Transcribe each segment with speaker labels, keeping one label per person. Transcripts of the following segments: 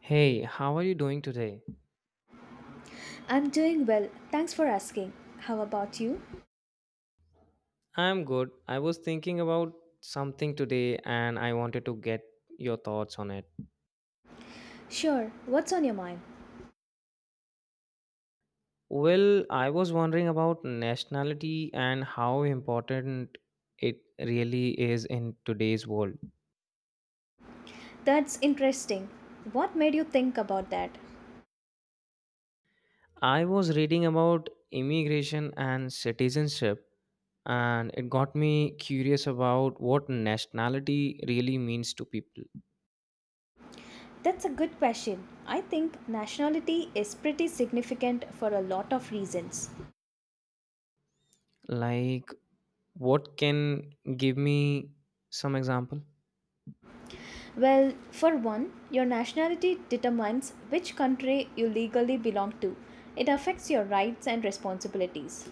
Speaker 1: Hey, how are you doing today?
Speaker 2: I'm doing well. Thanks for asking. How about you?
Speaker 1: I'm good. I was thinking about something today and I wanted to get your thoughts on it.
Speaker 2: Sure. What's on your mind?
Speaker 1: Well, I was wondering about nationality and how important it really is in today's world.
Speaker 2: That's interesting. What made you think about that?
Speaker 1: I was reading about immigration and citizenship and it got me curious about what nationality really means to people.
Speaker 2: That's a good question. I think nationality is pretty significant for a lot of reasons.
Speaker 1: Like, what can give me some example?
Speaker 2: Well, for one, your nationality determines which country you legally belong to. It affects your rights and responsibilities.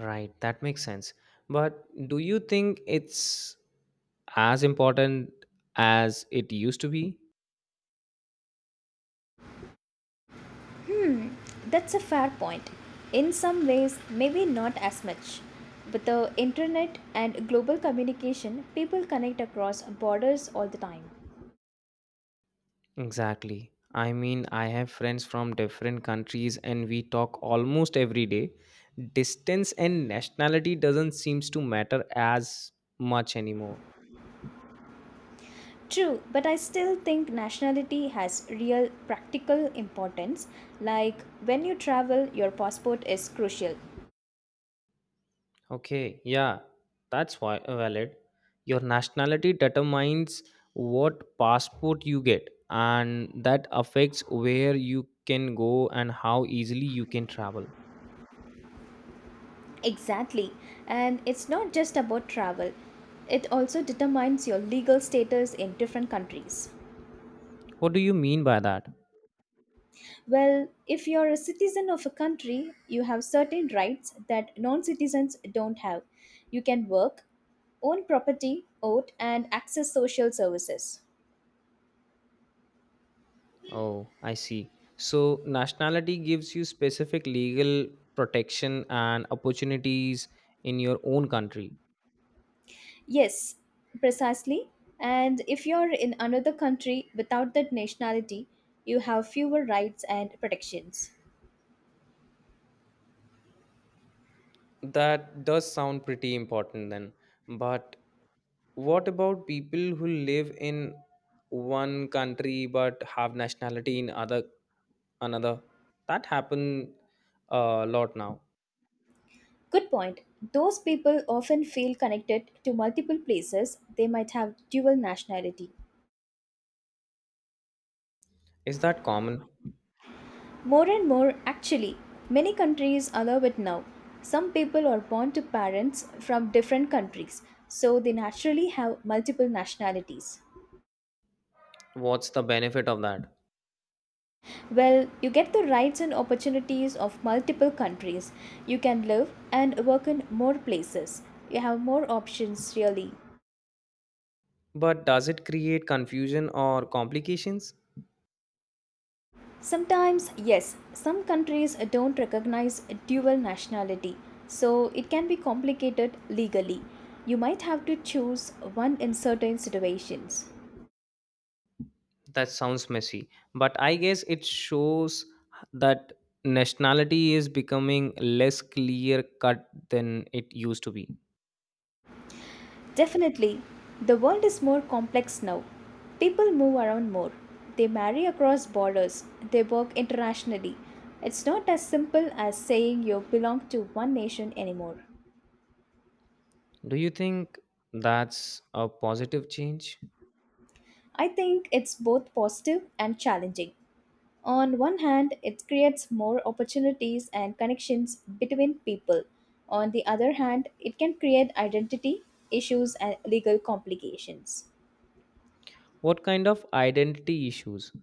Speaker 1: Right, that makes sense. But do you think it's as important as it used to be?
Speaker 2: That's a fair point. In some ways, maybe not as much. With the internet and global communication, people connect across borders all the time.
Speaker 1: Exactly. I mean, I have friends from different countries and we talk almost every day. Distance and nationality doesn't seems to matter as much anymore.
Speaker 2: True, but I still think nationality has real practical importance. Like when you travel, your passport is crucial.
Speaker 1: Okay, yeah, that's why valid. Your nationality determines what passport you get, and that affects where you can go and how easily you can travel.
Speaker 2: Exactly. And it's not just about travel, it also determines your legal status in different countries.
Speaker 1: What do you mean by that?
Speaker 2: Well, if you're a citizen of a country, you have certain rights that non citizens don't have. You can work, own property, vote, and access social services.
Speaker 1: Oh, I see. So, nationality gives you specific legal protection and opportunities in your own country.
Speaker 2: Yes, precisely. And if you're in another country without that nationality, you have fewer rights and protections.
Speaker 1: That does sound pretty important then. But what about people who live in one country but have nationality in other another? That happen a lot now.
Speaker 2: Good point. Those people often feel connected to multiple places, they might have dual nationality.
Speaker 1: Is that common?
Speaker 2: More and more, actually, many countries allow it now. Some people are born to parents from different countries, so they naturally have multiple nationalities.
Speaker 1: What's the benefit of that?
Speaker 2: Well, you get the rights and opportunities of multiple countries. You can live and work in more places. You have more options, really.
Speaker 1: But does it create confusion or complications?
Speaker 2: Sometimes, yes, some countries don't recognize dual nationality, so it can be complicated legally. You might have to choose one in certain situations.
Speaker 1: That sounds messy, but I guess it shows that nationality is becoming less clear cut than it used to be.
Speaker 2: Definitely, the world is more complex now. People move around more. They marry across borders. They work internationally. It's not as simple as saying you belong to one nation anymore.
Speaker 1: Do you think that's a positive change?
Speaker 2: I think it's both positive and challenging. On one hand, it creates more opportunities and connections between people. On the other hand, it can create identity issues and legal complications.
Speaker 1: What kind of identity issues?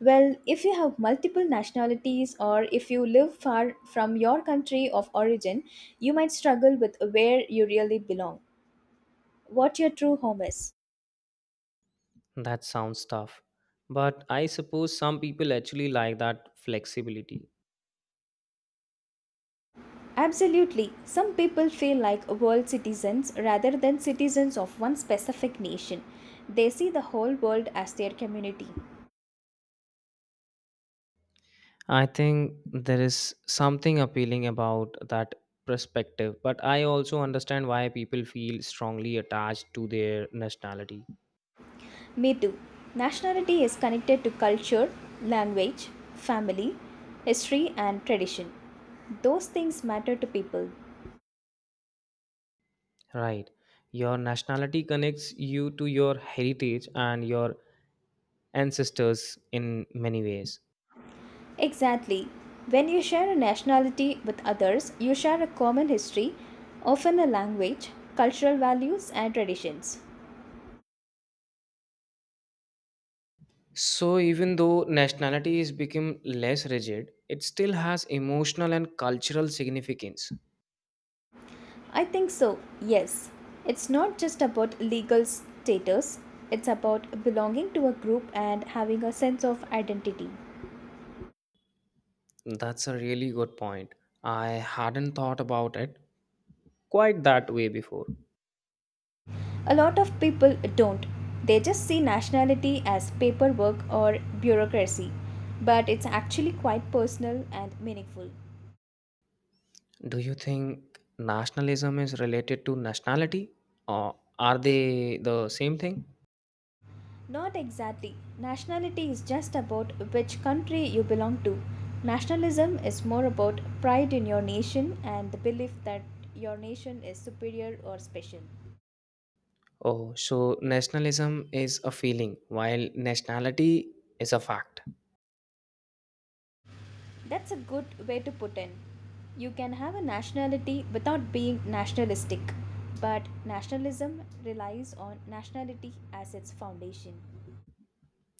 Speaker 2: Well, if you have multiple nationalities or if you live far from your country of origin, you might struggle with where you really belong, what your true home is.
Speaker 1: That sounds tough. But I suppose some people actually like that flexibility.
Speaker 2: Absolutely, some people feel like world citizens rather than citizens of one specific nation. They see the whole world as their community.
Speaker 1: I think there is something appealing about that perspective, but I also understand why people feel strongly attached to their nationality.
Speaker 2: Me too. Nationality is connected to culture, language, family, history, and tradition. Those things matter to people.
Speaker 1: Right. Your nationality connects you to your heritage and your ancestors in many ways.
Speaker 2: Exactly. When you share a nationality with others, you share a common history, often a language, cultural values, and traditions.
Speaker 1: So even though nationality has become less rigid, it still has emotional and cultural significance.
Speaker 2: I think so, yes. It's not just about legal status, it's about belonging to a group and having a sense of identity.
Speaker 1: That's a really good point. I hadn't thought about it quite that way before.
Speaker 2: A lot of people don't. They just see nationality as paperwork or bureaucracy, but it's actually quite personal and meaningful.
Speaker 1: Do you think nationalism is related to nationality or are they the same thing?
Speaker 2: Not exactly. Nationality is just about which country you belong to. Nationalism is more about pride in your nation and the belief that your nation is superior or special.
Speaker 1: Oh, so nationalism is a feeling while nationality is a fact.
Speaker 2: That's a good way to put in. You can have a nationality without being nationalistic, but nationalism relies on nationality as its foundation.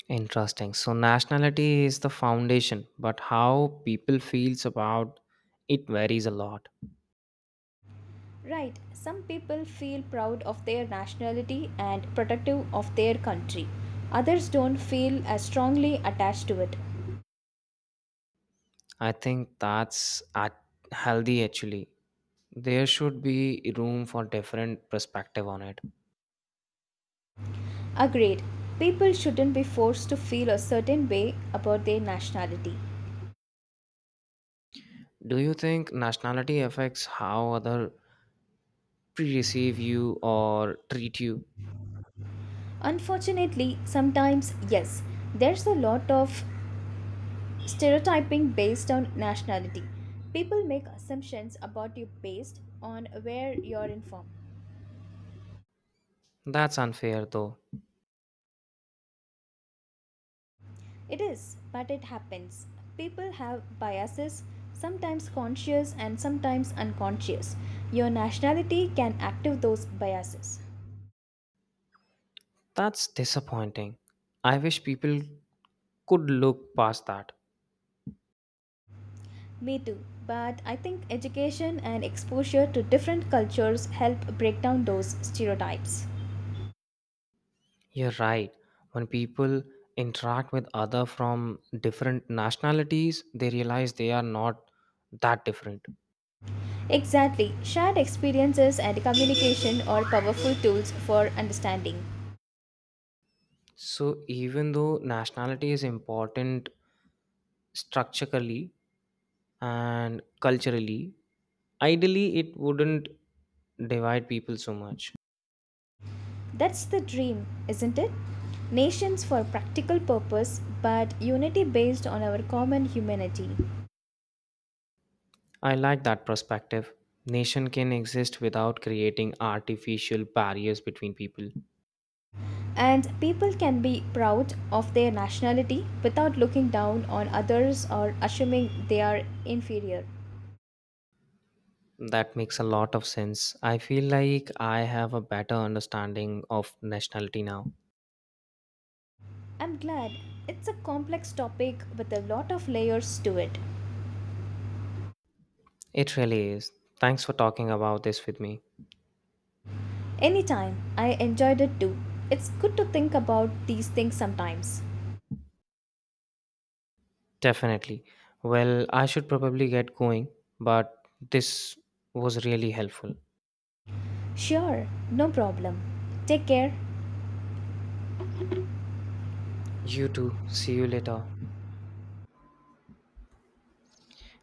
Speaker 1: Interesting. So nationality is the foundation, but how people feels about it varies a lot.
Speaker 2: Right, some people feel proud of their nationality and protective of their country. Others don't feel as strongly attached to it.
Speaker 1: I think that's at healthy actually. There should be room for different perspective on it.
Speaker 2: Agreed, people shouldn't be forced to feel a certain way about their nationality.
Speaker 1: Do you think nationality affects how other pre-receive you or treat you?
Speaker 2: Unfortunately, sometimes, yes, there's a lot of stereotyping based on nationality. People make assumptions about you based on where you're in from.
Speaker 1: That's unfair though.
Speaker 2: It is, but it happens. People have biases, sometimes conscious and sometimes unconscious. Your nationality can activate those biases.
Speaker 1: That's disappointing. I wish people could look past that.
Speaker 2: Me too, but I think education and exposure to different cultures help break down those stereotypes.
Speaker 1: You're right. When people interact with other from different nationalities, they realize they are not that different.
Speaker 2: Exactly, shared experiences and communication are powerful tools for understanding.
Speaker 1: So even though nationality is important structurally and culturally, ideally it wouldn't divide people so much.
Speaker 2: That's the dream, isn't it? Nations for practical purpose, but unity based on our common humanity.
Speaker 1: I like that perspective. Nation can exist without creating artificial barriers between people.
Speaker 2: And people can be proud of their nationality without looking down on others or assuming they are inferior.
Speaker 1: That makes a lot of sense. I feel like I have a better understanding of nationality now.
Speaker 2: I'm glad it's a complex topic with a lot of layers to it.
Speaker 1: It really is. Thanks for talking about this with me.
Speaker 2: Anytime, I enjoyed it too. It's good to think about these things sometimes.
Speaker 1: Definitely. Well, I should probably get going, but this was really helpful.
Speaker 2: Sure, no problem. Take care.
Speaker 1: You too. See you later.